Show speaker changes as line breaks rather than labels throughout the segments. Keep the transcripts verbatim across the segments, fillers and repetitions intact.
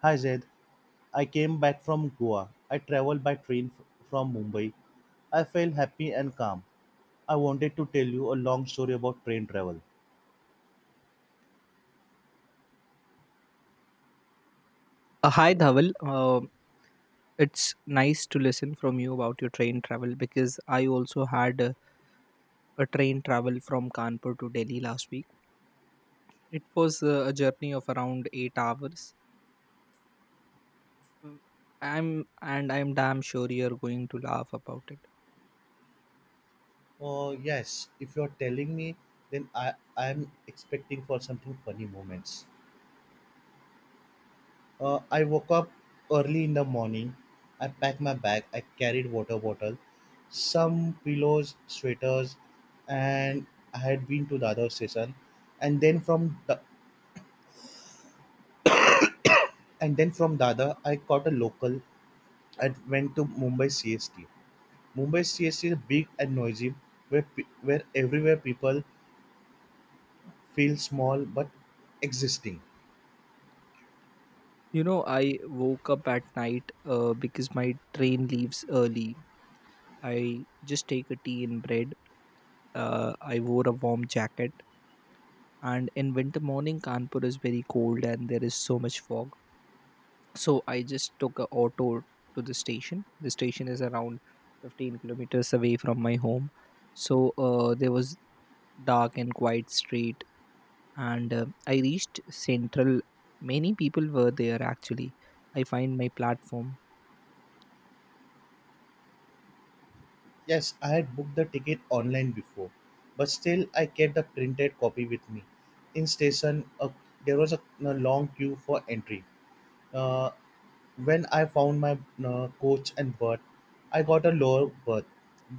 Hi Zaid, I came back from Goa. I traveled by train f- from Mumbai. I felt happy and calm. I wanted to tell you a long story about train travel.
Uh, hi Dhaval. Uh, it's nice to listen from you about your train travel because I also had a, a train travel from Kanpur to Delhi last week. It was uh, a journey of around eight hours. Mm, I'm and I'm damn sure you're going to laugh about it.
Oh yes, if you're telling me, then I I'm expecting for something funny moments. Uh, I woke up early in the morning. I packed my bag. I carried water bottle, some pillows, sweaters, and I had been to Dadar station, and then from Da- and then from Dada I caught a local. I went to Mumbai C S T. Mumbai C S T is big and noisy, where pe- where everywhere people feel small but existing.
You know, I woke up at night uh, because my train leaves early. I just take a tea and bread. Uh, I wore a warm jacket, and in winter morning, Kanpur is very cold and there is so much fog, so I just took a auto to the station. The station is around fifteen kilometers away from my home. So uh, there was dark and quiet street, and uh, I reached central. Many people were there. Actually, I find my platform.
Yes, I had booked the ticket online before, but still I kept the printed copy with me. In station, uh, there was a, a long queue for entry. Uh, when I found my uh, coach and berth, I got a lower berth,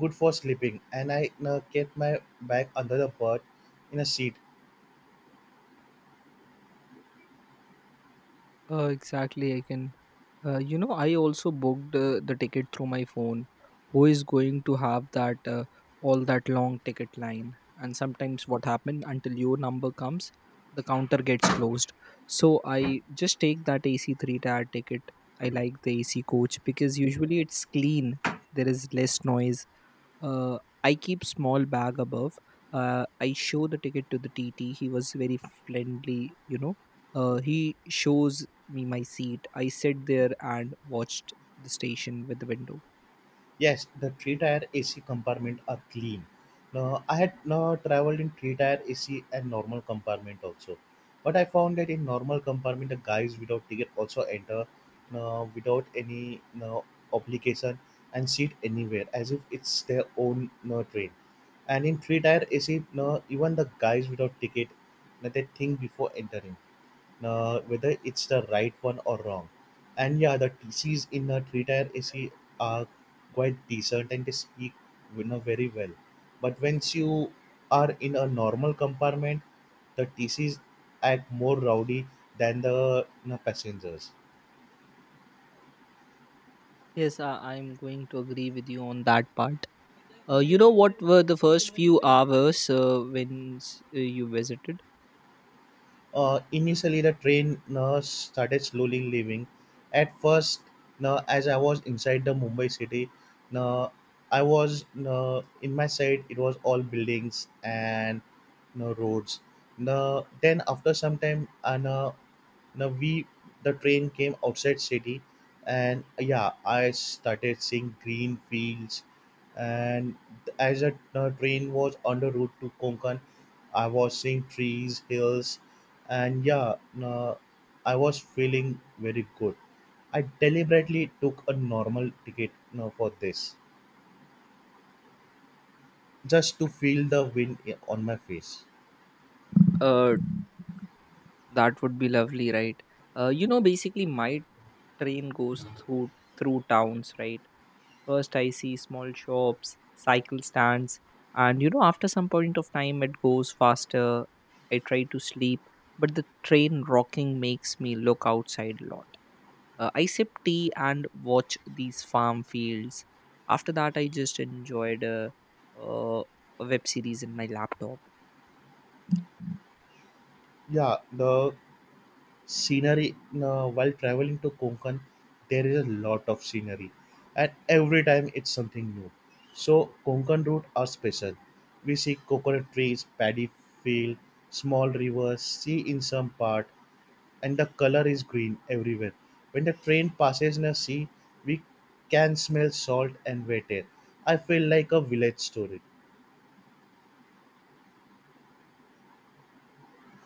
good for sleeping, and I uh, kept my bag under the berth in a seat.
Uh, exactly. I can. Uh, you know, I also booked uh, the ticket through my phone. Who is going to have that uh, all that long ticket line? And sometimes what happen, until your number comes, the counter gets closed. So I just take that A C three tier ticket. I like the A C coach because usually it's clean. There is less noise. uh, I keep small bag above. Uh, I show the ticket to the T. T. He was very friendly, you know. Uh, he shows me my seat. I sit there and watched the station with the window.
Yes, the three tire A C compartment are clean. Now, I had now traveled in three tire A C and normal compartment also, but I found that in normal compartment the guys without ticket also enter now without any now obligation and sit anywhere as if it's their own now train. And in three tire A C now even the guys without ticket now they think before entering, uh, whether it's the right one or wrong. And yeah, the T Cs in a three tier A C are quite decent and they speak, you know, very well. But once you are in a normal compartment, the T Cs act more rowdy than the, you know, passengers.
Yes, I, I'm going to agree with you on that part. Uh, you know what were the first few hours uh, when s- uh, you visited?
Uh, initially, the train uh, started slowly leaving. At first, uh, as I was inside the Mumbai city, uh, I was, uh, in my side, it was all buildings and uh, roads. Uh, then after some time, and uh, now we the train came outside city, and yeah, I started seeing green fields, and as a the train was on the route to Konkan. I was seeing trees, hills, and yeah, uh, I was feeling very good. I deliberately took a normal ticket, you know, for this, just to feel the wind i- on my face.
Uh, that would be lovely, right? Uh, you know, basically, my train goes through through towns, right? First, I see small shops, cycle stands, and you know, after some point of time, it goes faster. I try to sleep, but the train rocking makes me look outside a lot. Uh, I sip tea and watch these farm fields. After that, I just enjoyed a, uh, a web series in my laptop.
Yeah, the scenery in, uh, while traveling to Konkan, there is a lot of scenery, and every time it's something new. So Konkan route are special. We see coconut trees, paddy field, small rivers, sea in some part, and the color is green everywhere. When the train passes in a sea, we can smell salt and wet air. I feel like a village story.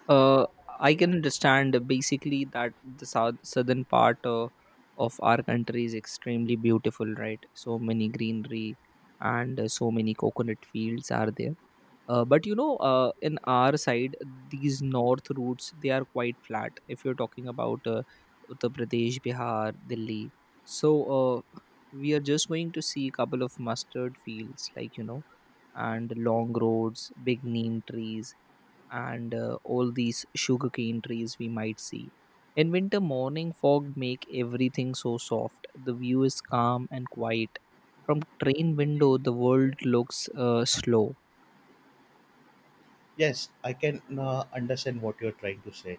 uh, I can understand basically that the south, southern part uh, of our country is extremely beautiful, right? So many greenery and uh, so many coconut fields are there. Uh, but you know, uh, in our side, these north routes they are quite flat. If you're talking about uh, Uttar Pradesh, Bihar, Delhi, so uh, we are just going to see a couple of mustard fields, like you know, and long roads, big neem trees and uh, all these sugarcane trees we might see. In winter, morning fog make everything so soft. The view is calm and quiet. From train window, the world looks uh, slow.
Yes, I can, uh, understand what you're trying to say.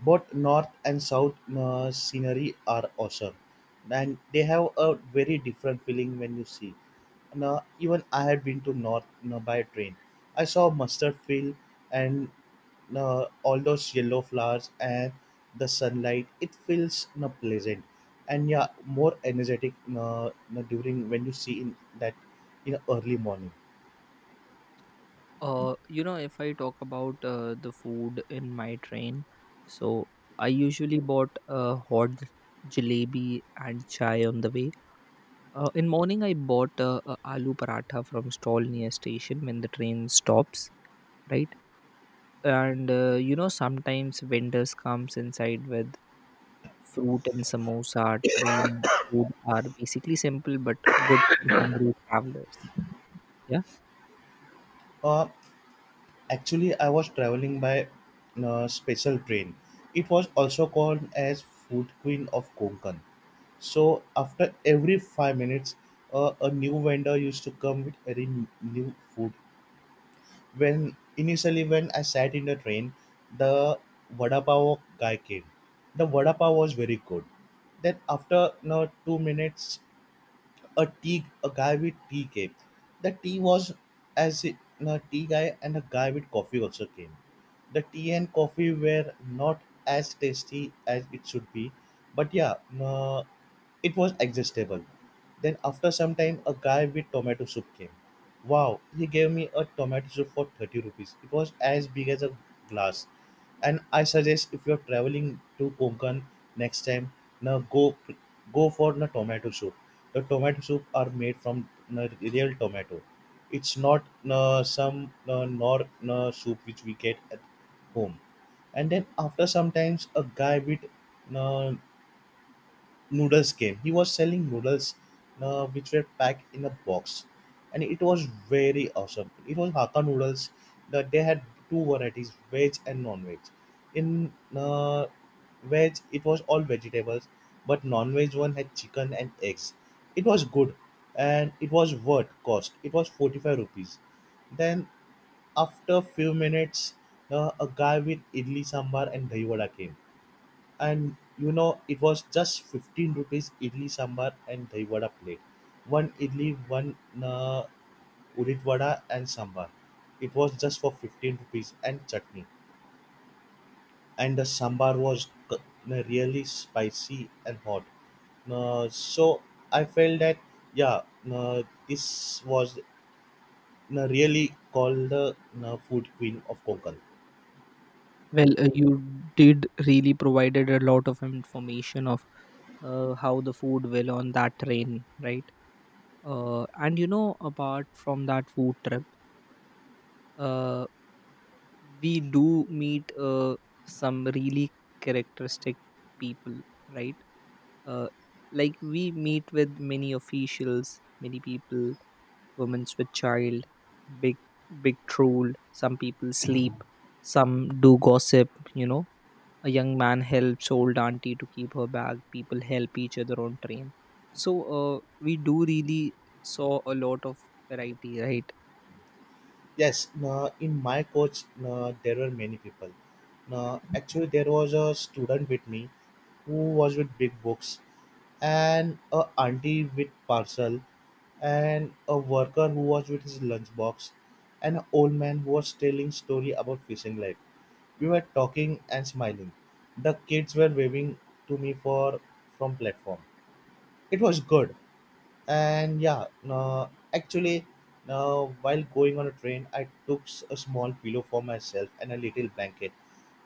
Both north and south, uh, scenery are awesome, and they have a very different feeling when you see. Now, even I had been to north now, by train. I saw mustard field, and now all those yellow flowers and the sunlight. It feels now pleasant and yeah, more energetic, uh, now, during when you see in that, in early morning.
Uh, you know, if I talk about uh, the food in my train, so I usually bought a hot jalebi and chai on the way. Uh, in morning, I bought uh, a aloo paratha from stall near station when the train stops. Right. And uh, you know, sometimes vendors comes inside with fruit and samosa. Train food are basically simple but good for hungry travelers, yeah.
Uh, Actually, I was traveling by a special train. It was also called as Food Queen of Konkan. So after every five minutes, uh, a new vendor used to come with very n- new food. When initially when I sat in the train, the vada pav guy came. The vada pav was very good. Then after you two minutes, a tea, a guy with tea came. The tea was, as in a tea guy and a guy with coffee also came. The tea and coffee were not as tasty as it should be, but yeah, uh, it was digestible. Then after some time, a guy with tomato soup came. Wow, he gave me a tomato soup for thirty rupees. It was as big as a glass. And I suggest if you're traveling to Konkan next time, now go go for the tomato soup. The tomato soup are made from the real tomato. It's not uh, some uh, nor uh, soup which we get at home. And then after sometimes a guy with uh, noodles came. He was selling noodles, uh, which were packed in a box, and it was very awesome. It was Hakka noodles that they had two varieties, veg and non-veg. In uh, veg, it was all vegetables, but non-veg one had chicken and eggs. It was good, and it was worth cost. It was forty-five rupees. Then after few minutes, uh, a guy with idli sambar and dahi vada came, and you know, it was just fifteen rupees idli sambar and dahi vada plate. One idli, one, uh, udit vada and sambar, it was just for fifteen rupees and chutney. And the sambar was c- uh, really spicy and hot. Uh, so I felt that, yeah, uh, this was, uh, really called the, uh, food queen of Konkan.
Well, uh, you did really provided a lot of information of uh, how the food will on that train, right? Uh, and you know, apart from that food trip, uh, we do meet uh, some really characteristic people, right? uh, like we meet with many officials, many people, women with child, big big troll, some people sleep, some do gossip, you know, a young man helps old auntie to keep her bag. People help each other on train. So uh, we do really saw a lot of variety, right?
Yes, no, in my coach, no, there were many people. No, actually, there was a student with me who was with big books, and a auntie with parcel, and a worker who was with his lunchbox, and an old man who was telling story about fishing life. We were talking and smiling. The kids were waving to me for from platform. It was good and yeah no, actually, now while going on a train I took s- a small pillow for myself and a little blanket,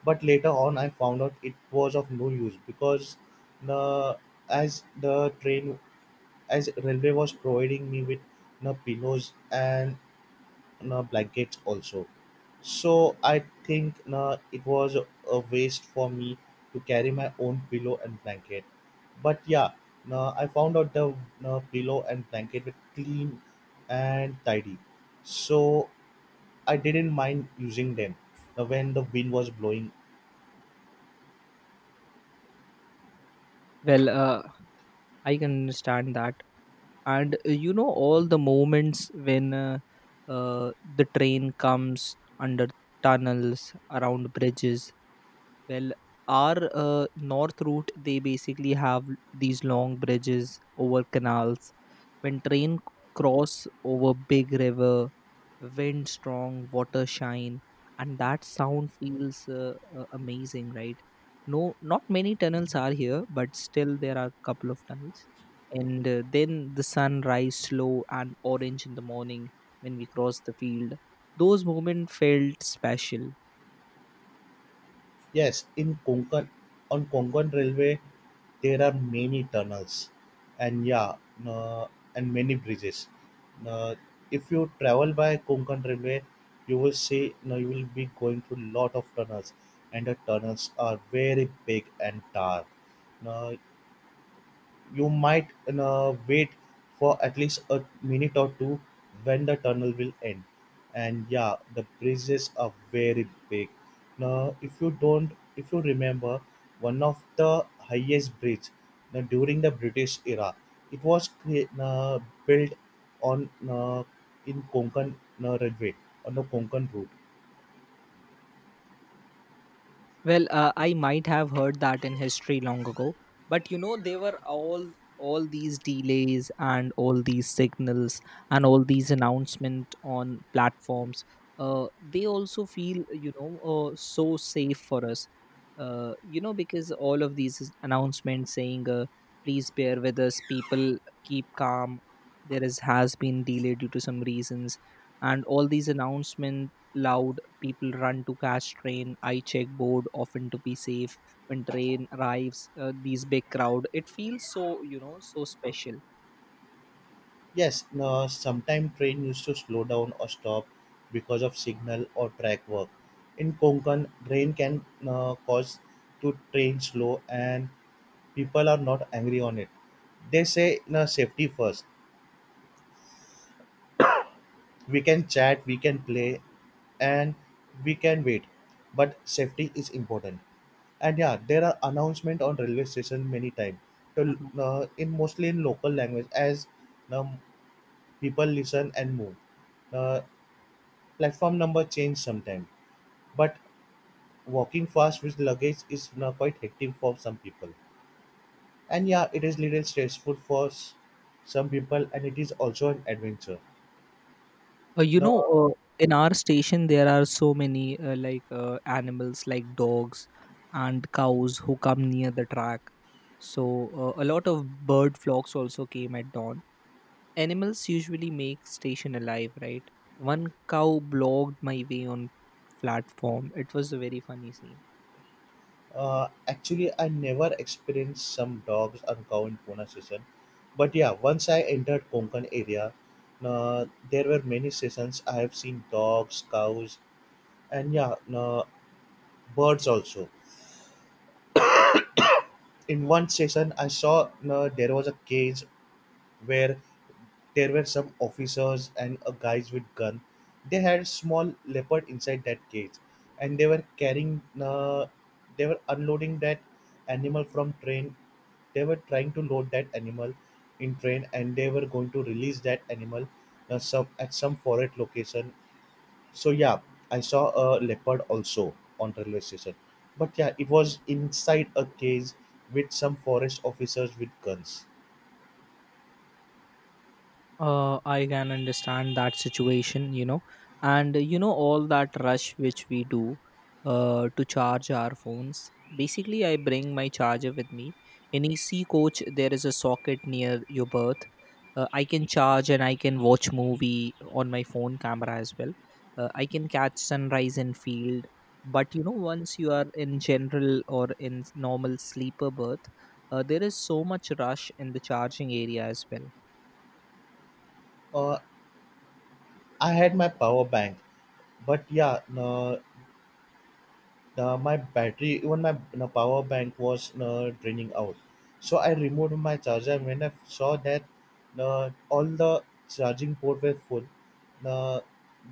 but later on I found out it was of no use because no, as the train, as railway was providing me with no pillows and na blankets also. So I think na it was a waste for me to carry my own pillow and blanket. But yeah, na I found out the na pillow and blanket were clean and tidy. So I didn't mind using them na when the wind was blowing.
Well, uh, I can understand that. And uh, you know, all the moments when uh, uh, the train comes under tunnels, around bridges. Well, our uh, north route they basically have these long bridges over canals. When train cross over big river, wind strong, water shine, and that sound feels uh, uh, amazing, right? No, not many tunnels are here, but still there are a couple of tunnels. And uh, then the sun rise slow and orange in the morning when we cross the field. Those moments felt special.
Yes, in Konkan, on Konkan Railway, there are many tunnels, and yeah, uh, and many bridges. Uh, if you travel by Konkan Railway, you will see no you will be going through lot of tunnels, and the tunnels are very big and dark. Now you might, uh, wait for at least a minute or two when the tunnel will end. And yeah, the bridges are very big. Now if you don't, if you remember, one of the highest bridge, now, during the British era, it was cre- uh, built on, uh, in Konkan, uh, railway, on the Konkan route.
Well, uh, I might have heard that in history long ago, but you know, there were all all these delays and all these signals and all these announcement on platforms. Uh, they also feel, you know, uh, so safe for us, uh, you know, because all of these is- announcements saying, uh, please bear with us, people, keep calm. There is has been delay due to some reasons, and all these announcement loud. People run to catch train. I check board often to be safe when train arrives. Uh, these big crowd, it feels so, you know, so special.
Yes, no, sometimes train used to slow down or stop because of signal or track work. In Konkan, rain can, uh, cause to train slow, and people are not angry on it. They say no, safety first. We can chat, we can play, and we can wait. But safety is important. And yeah, there are announcement on railway station many times. To,
Mhm.
uh, in mostly in local language as, um, people listen and move. Uh, Platform number change sometime, but walking fast with luggage is now quite hectic for some people. And yeah, it is little stressful for s- some people, and it is also an adventure.
Uh, you
Now,
know, uh, in our station there are so many uh, like uh, animals like dogs and cows who come near the track. So uh, a lot of bird flocks also came at dawn. Animals usually make station alive, right? One cow blocked my way on platform. It was a very funny scene.
uh, actually, I never experienced some dogs or cow in Pune session, but yeah, once I entered Konkan area, uh, there were many sessions. I have seen dogs, cows, and yeah, uh, birds also. In one session, I saw, uh, there was a cage where there were some officers and a guys with gun. They had a small leopard inside that cage, and they were carrying. Uh, they were unloading that animal from train. They were trying to load that animal in train, and they were going to release that animal, uh, some at some foreign location. So yeah, I saw a leopard also on railway station. But yeah, it was inside a cage with some forest officers with guns.
uh, I can understand that situation, you know. And uh, you know, all that rush which we do uh, to charge our phones. Basically, I bring my charger with me. In AC coach there is a socket near your berth. uh, I can charge and I can watch movie on my phone camera as well. uh, I can catch sunrise in field. But you know, once you are in general or in normal sleeper berth, uh, there is so much rush in the charging area as well.
Uh, I had my power bank, but yeah no, no, my battery, even my no, power bank was no, draining out. So I removed my charger, and when I saw that no, all the charging port were full no,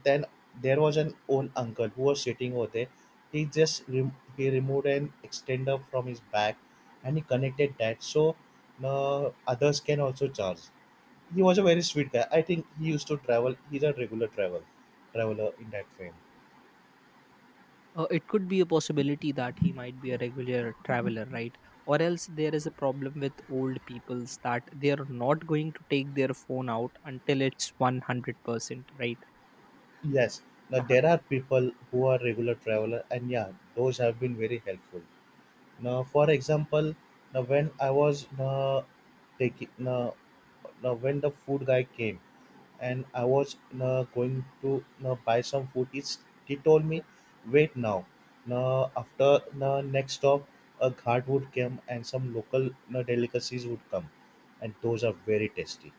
then there was an old uncle who was sitting over there. He just rem- he removed an extender from his back, and he connected that so no, others can also charge. He was a very sweet guy. I think he used to travel. He's a regular travel traveler in that way.
Uh, it could be a possibility that he might be a regular traveler, right? Or else there is a problem with old peoples that they are not going to take their phone out until it's one hundred percent, right?
Yes. Now
Uh-huh.
there are people who are regular traveler, and yeah, those have been very helpful. Now, for example, now when I was now taking now, now when the food guy came and I was, uh, going to, uh, buy some food. It's, he told me, wait now. Uh, after the next stop, a ghat would come and some local, uh, delicacies would come, and those are very tasty.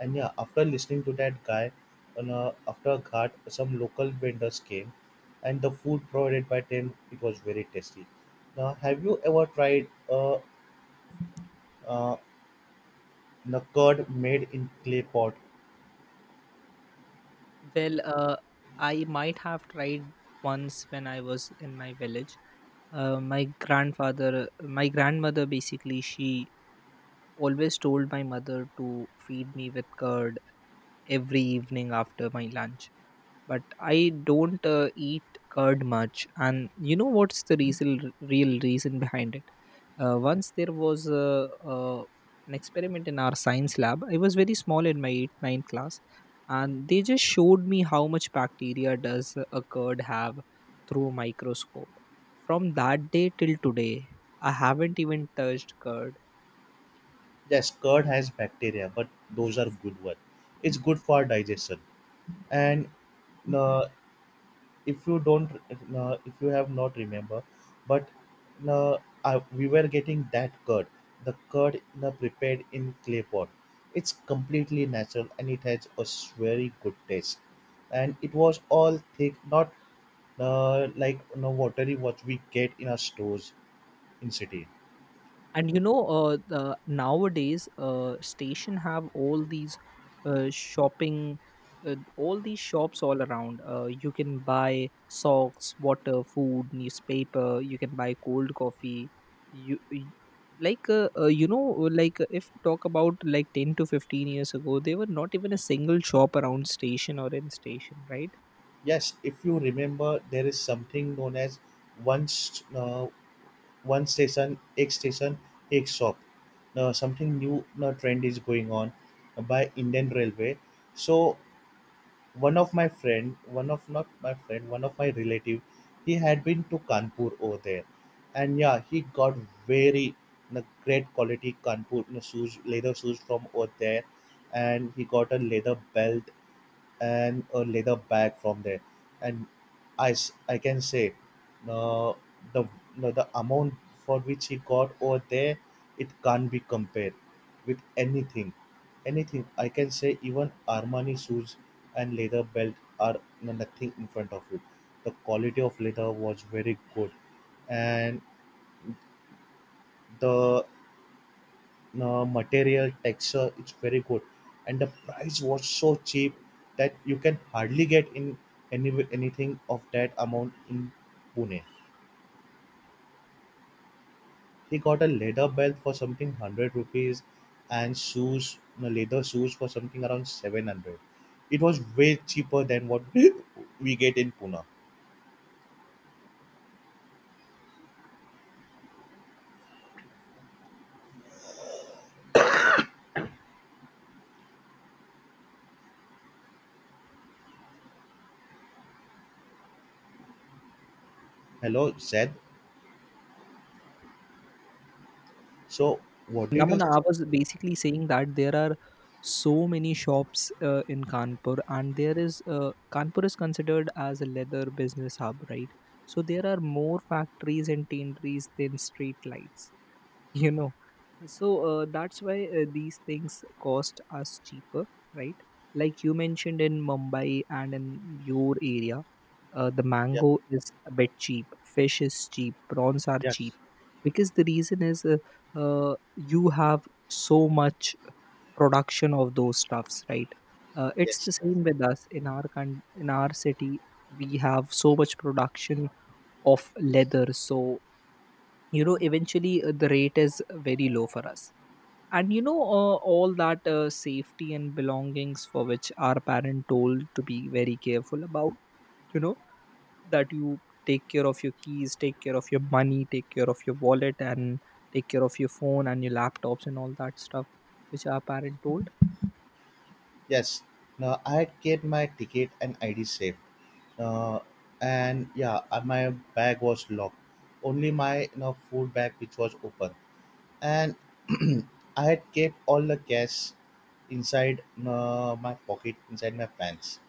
And yeah, after listening to that guy, and, uh, after a ghat, some local vendors came, and the food provided by them it was very tasty. Now, have you ever tried, uh, uh, the curd made in clay pot?
Well, uh, I might have tried once when I was in my village. Uh, my grandfather, my grandmother basically, she always told my mother to feed me with curd every evening after my lunch, but I don't uh, eat curd much. And you know what's the reason, real reason behind it? Uh, once there was a, uh, an experiment in our science lab. I was very small in my eighth, ninth class, and they just showed me how much bacteria does a curd have through a microscope. From that day till today, I haven't even touched curd.
Yes, curd has bacteria, but those are good one. It's good for digestion. And uh, if you don't, uh, if you have not remember, but uh, I, we were getting that curd, the curd uh, prepared in clay pot. It's completely natural and it has a very good taste. And it was all thick, not uh, like you know, watery what we get in our stores in city.
And you know, uh, the, nowadays uh, station have all these uh, shopping uh, all these shops all around. Uh, you can buy socks, water, food, newspaper. You can buy cold coffee. you, you like uh, uh, you know like uh, If you talk about like ten to fifteen years ago there were not even a single shop around station or in station, right?
Yes, if you remember, there is something known as once uh, one station एक station एक shop. Now, something new, now trend is going on by indian railway. So one of my friend, one of not my friend one of my relative, he had been to kanpur over there, and yeah, he got very na great quality kanpur na shoes, leather shoes from over there, and he got a leather belt and a leather bag from there. And i, s- I can say uh, the no, the amount for which he got over there, it can't be compared with anything. Anything, I can say even armani shoes and leather belt are, no, nothing in front of it. The quality of leather was very good, and the uh, material texture it's very good, and the price was so cheap that you can hardly get in any anything of that amount in pune. He got a leather belt for something one hundred rupees, and shoes no, leather shoes for something around seven hundred. It was way cheaper than what we get in pune. Hello Zed. So what did you,
Naman, I was basically saying that there are so many shops uh, in Kanpur, and there is uh, Kanpur is considered as a leather business hub, right? So there are more factories and tanneries than street lights. You know, so uh, that's why uh, these things cost us cheaper, right? Like you mentioned in Mumbai and in your area, uh, the
yeah,
mango is a bit cheap, fish is cheap, prawns are cheap,
yes,
because the reason is uh, uh, you have so much production of those stuffs, right? Uh, it's
yes,
the same with us in our con- in our city. We have so much production of leather, so you know, eventually uh, the rate is very low for us. And you know, uh, all that uh, safety and belongings for which our parent told to be very careful about, you know, that you take care of your keys, take care of your money, take care of your wallet, and take care of your phone and your laptops and all that stuff which our parent told.
yes, now I had get my ticket and id safe. uh, and yeah, uh, my bag was locked, only my, you know, food bag which was open. And I had kept all the cash inside uh, my pocket inside my pants.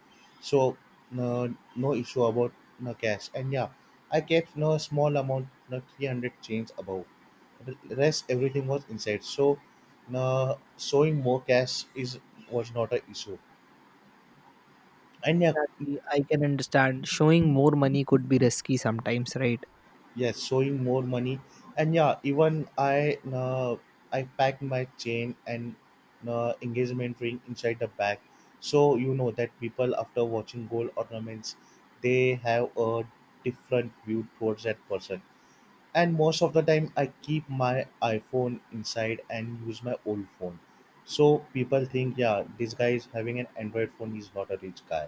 So no, no issue about no cash. And yeah, I kept no small amount, no three hundred change above. The rest everything was inside, so no, showing more cash is, was not a issue. And yeah,
Exactly, I can understand, showing more money could be risky sometimes, right?
yes, showing more money. And yeah, even i uh, I pack my chain and uh, engagement ring inside the bag. So you know, that people after watching gold ornaments, they have a different view towards that person. And most of the time I keep my iphone inside and use my old phone, so people think, yeah, this guy is having an android phone, he's not a rich guy.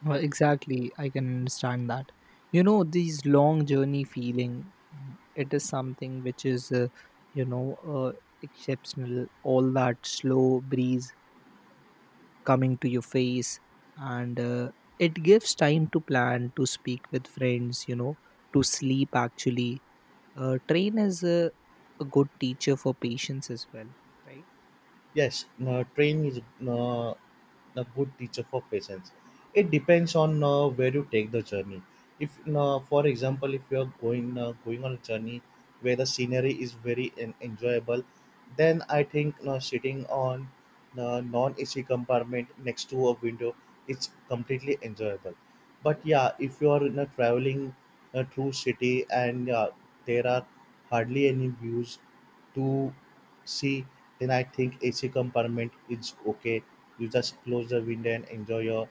Well, exactly, I can understand that. You know, these long journey feeling, mm, it is something which is, uh, you know, uh, exceptional. All that slow breeze coming to your face, and uh, it gives time to plan, to speak with friends, you know, to sleep. Actually, uh, train is a, a good teacher for patience as well, right?
Yes, uh, train is, uh, a good teacher for patience. It depends on uh, where you take the journey. If, uh, for example, if you are going uh, going on a journey where the scenery is very en- enjoyable, then I think uh, sitting on a non-A C compartment next to a window is completely enjoyable. But yeah, if you are in a traveling uh, through city, and uh, there are hardly any views to see, then I think A C compartment is okay. You just close the window and enjoy your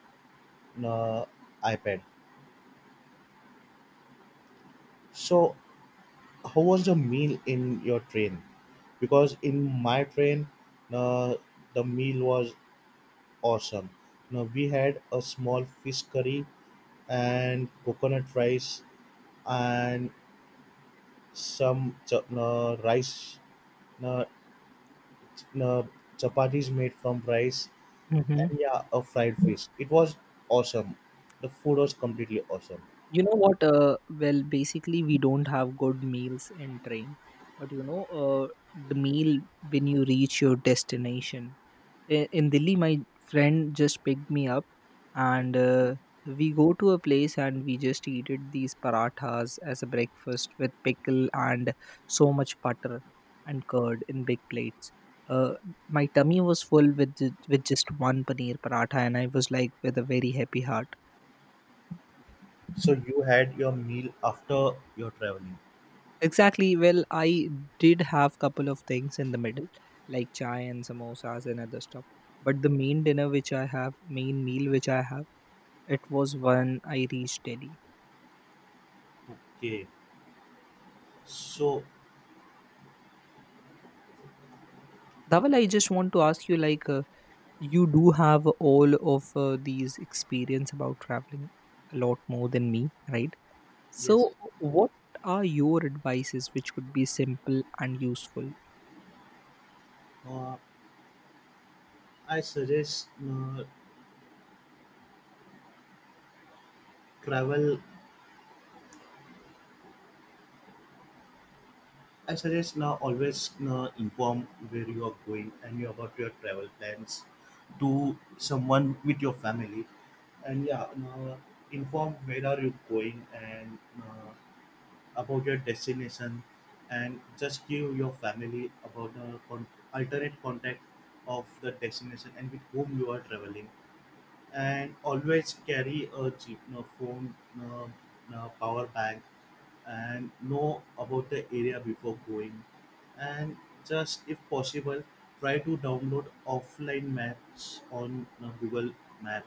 uh, iPad. So, how was the meal in your train? Because in my train, uh, the meal was awesome. Now we had a small fish curry and coconut rice and some ch- uh, rice, uh, ch- uh, chapatis made from rice.
Mm-hmm.
And yeah, a fried fish. It was awesome. The food was completely awesome.
You know what, uh, well, basically we don't have good meals in train. But you know, uh, the meal when you reach your destination. I- in Delhi my friend just picked me up, and uh, we go to a place and we just eated these parathas as a breakfast with pickle and so much butter and curd in big plates. uh, my tummy was full with ju- with just one paneer paratha and I was like with a very happy heart.
So you had your meal after your traveling.
Exactly. Well, I did have couple of things in the middle, like chai and samosas and other stuff. But the main dinner which I have, main meal which I have, it was when I reached Delhi.
Okay. So
Dhaval, I just want to ask you, like, uh, you do have all of uh, these experience about traveling a lot more than me, right?
yes,
So, what are your advices which could be simple and useful?
uh, I suggest uh, travel. I suggest, now always uh, inform where you are going, and you about your travel plans, to someone with your family. And yeah, uh, inform where are you going and uh, about your destination, and just give your family about the con- alternate contact of the destination and with whom you are traveling. And always carry a cheap, no phone, no, no power bank, and know about the area before going. And just if possible, try to download offline maps on uh, google map,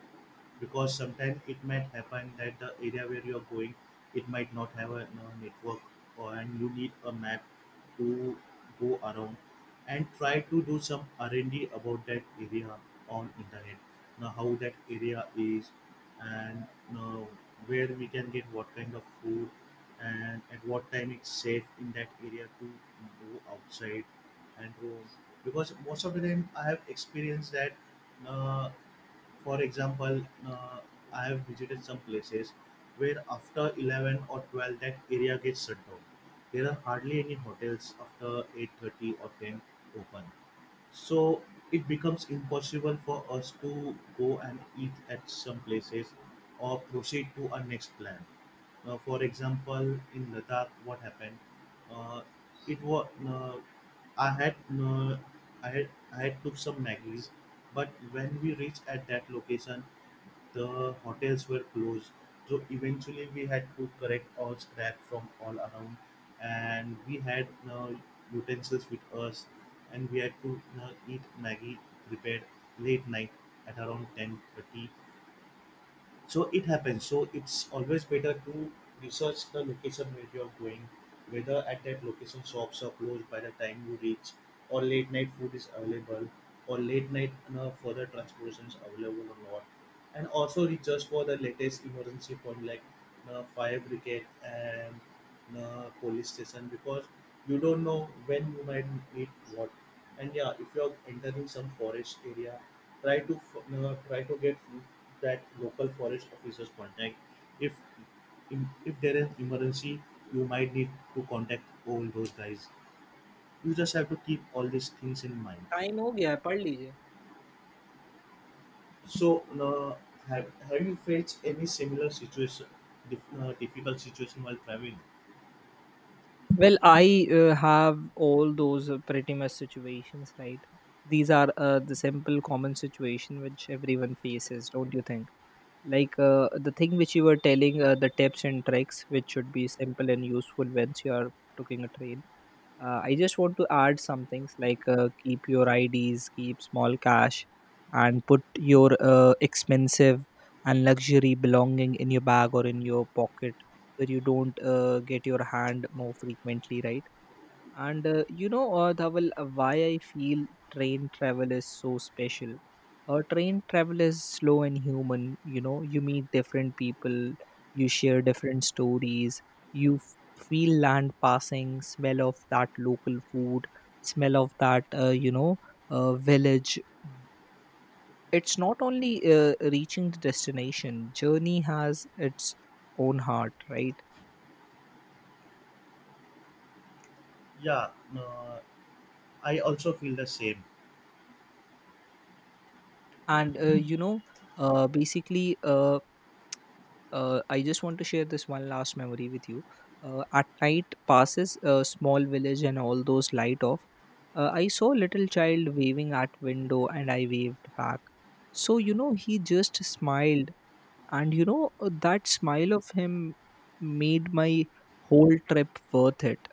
because sometimes it might happen that the area where you're going, it might not have a, you know, network or, and you need a map to go around. And try to do some r&d about that area on internet, now how that area is, and uh, where we can get what kind of food, and at what time it's safe in that area to go outside and roam. Because most of the time I have experienced that, uh, for example, uh, I have visited some places where after eleven or twelve that area gets shut down. There are hardly any hotels after eight thirty or ten open, so it becomes impossible for us to go and eat at some places or proceed to our next plan. Uh, for example, in ladakh what happened, uh, it was uh, i had uh, i had I had took some maggies, but when we reached at that location, the hotels were closed. So eventually we had to collect all scrap from all around, and we had uh, utensils with us, and we had to uh, eat maggie prepared late night at around ten thirty. So it happens, so it's always better to research the location where you're going, whether at that location shops are closed by the time you reach, or late night food is available, or late night, you know, further transportations available or not. And also research for the latest emergency fund like, you know, fire brigade and uh, police station, because you don't know when you might need what. And yeah, if you're entering some forest area, try to f- uh, try to get that local forest officer's contact. If in, if there is emergency, you might need to contact all those guys. You just have to keep all these things in mind.
Time हो गया hai, पढ़ लीजिए.
So, uh, have, have you faced any similar situation, dif- uh, difficult situation while traveling?
Well, I uh, have all those uh, pretty much situations, right? These are uh, the simple common situation which everyone faces, don't you think? Like uh, the thing which you were telling, uh, the tips and tricks which should be simple and useful once you are taking a train. Uh, I just want to add some things like uh, keep your I Ds, keep small cash, and put your uh, expensive and luxury belonging in your bag or in your pocket where you don't uh, get your hand more frequently, right? And uh, you know, uh, Dhaval, uh, why I feel train travel is so special. Uh, train travel is slow and human. You know, you meet different people, you share different stories, you f- feel land passing, smell of that local food, smell of that, uh, you know, uh, village. It's not only uh, reaching the destination, journey has its own heart, right?
Yeah, uh, I also feel the same.
And uh, you know, uh, basically, uh, uh, I just want to share this one last memory with you. Uh, at night, passes a small village and all those light off. Uh, I saw a little child waving at window, and I waved back. So you know, he just smiled, and you know, uh, that smile of him made my whole trip worth it.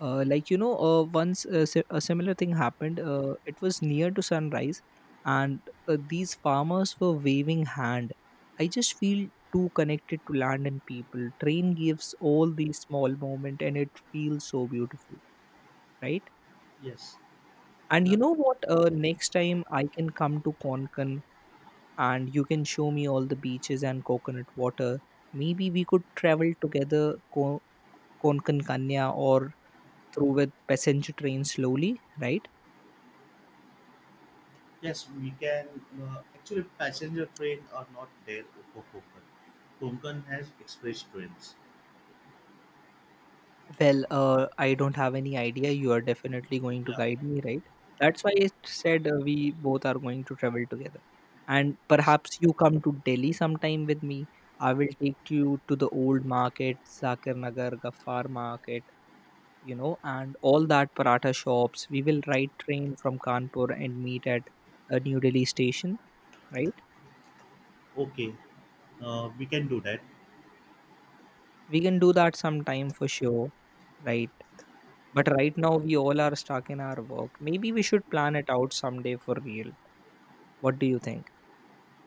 uh, Like you know, uh, once a, si- a similar thing happened. Uh, it was near to sunrise, and uh, these farmers were waving hand. I just feel too connected to land and people. Train gives all these small moment and it feels so beautiful, right?
Yes.
And you
Now,
know what, uh, next time I can come to Konkan, and you can show me all the beaches and coconut water. Maybe we could travel together, Ko- Konkan Kanya or through with passenger train slowly, right?
yes, we can. Uh, actually, passenger train are not there for Konkan. Konkan has express trains.
Well, uh, I don't have any idea. You are definitely going to
Yeah.
guide me, right? That's why I said uh, we both are going to travel together. And
Yes.
perhaps you come to Delhi sometime with me. I will take you to the old market, Zakir Nagar, Gaffar market, you know, and all that paratha shops. We will ride train from Kanpur and meet at uh, New Delhi station, right?
Okay. Uh, we can do that.
We can do that sometime for sure, right? But right now, we all are stuck in our work. Maybe we should plan it out someday for real. What do you think?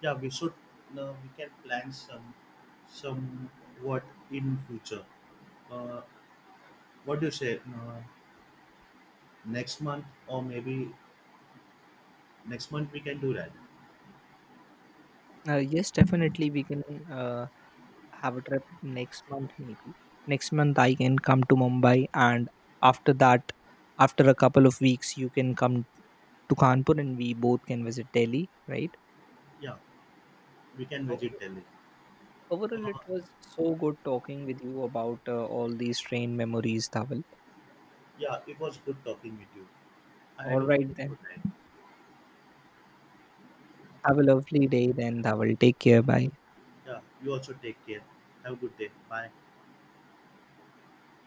Yeah, we should. Uh, we can plan some, some what in future. Uh, what do you say? Uh, next month, or maybe next month we can do that.
Uh, yes, definitely, we can uh, have a trip next month, maybe. Next month, I can come to Mumbai, and after that, after a couple of weeks, you can come to Kanpur and we both can visit Delhi, right?
Yeah, we can visit
Okay.
Delhi.
Overall,
Uh,
it was so good talking with you about uh, all these train memories, Dhaval.
yeah, it was good talking with you. I
All
had a
right,
wonderful
then.
time.
Have a lovely day, then, Dhaval. Take care. Bye.
Yeah, you also take care. Have a good day. Bye.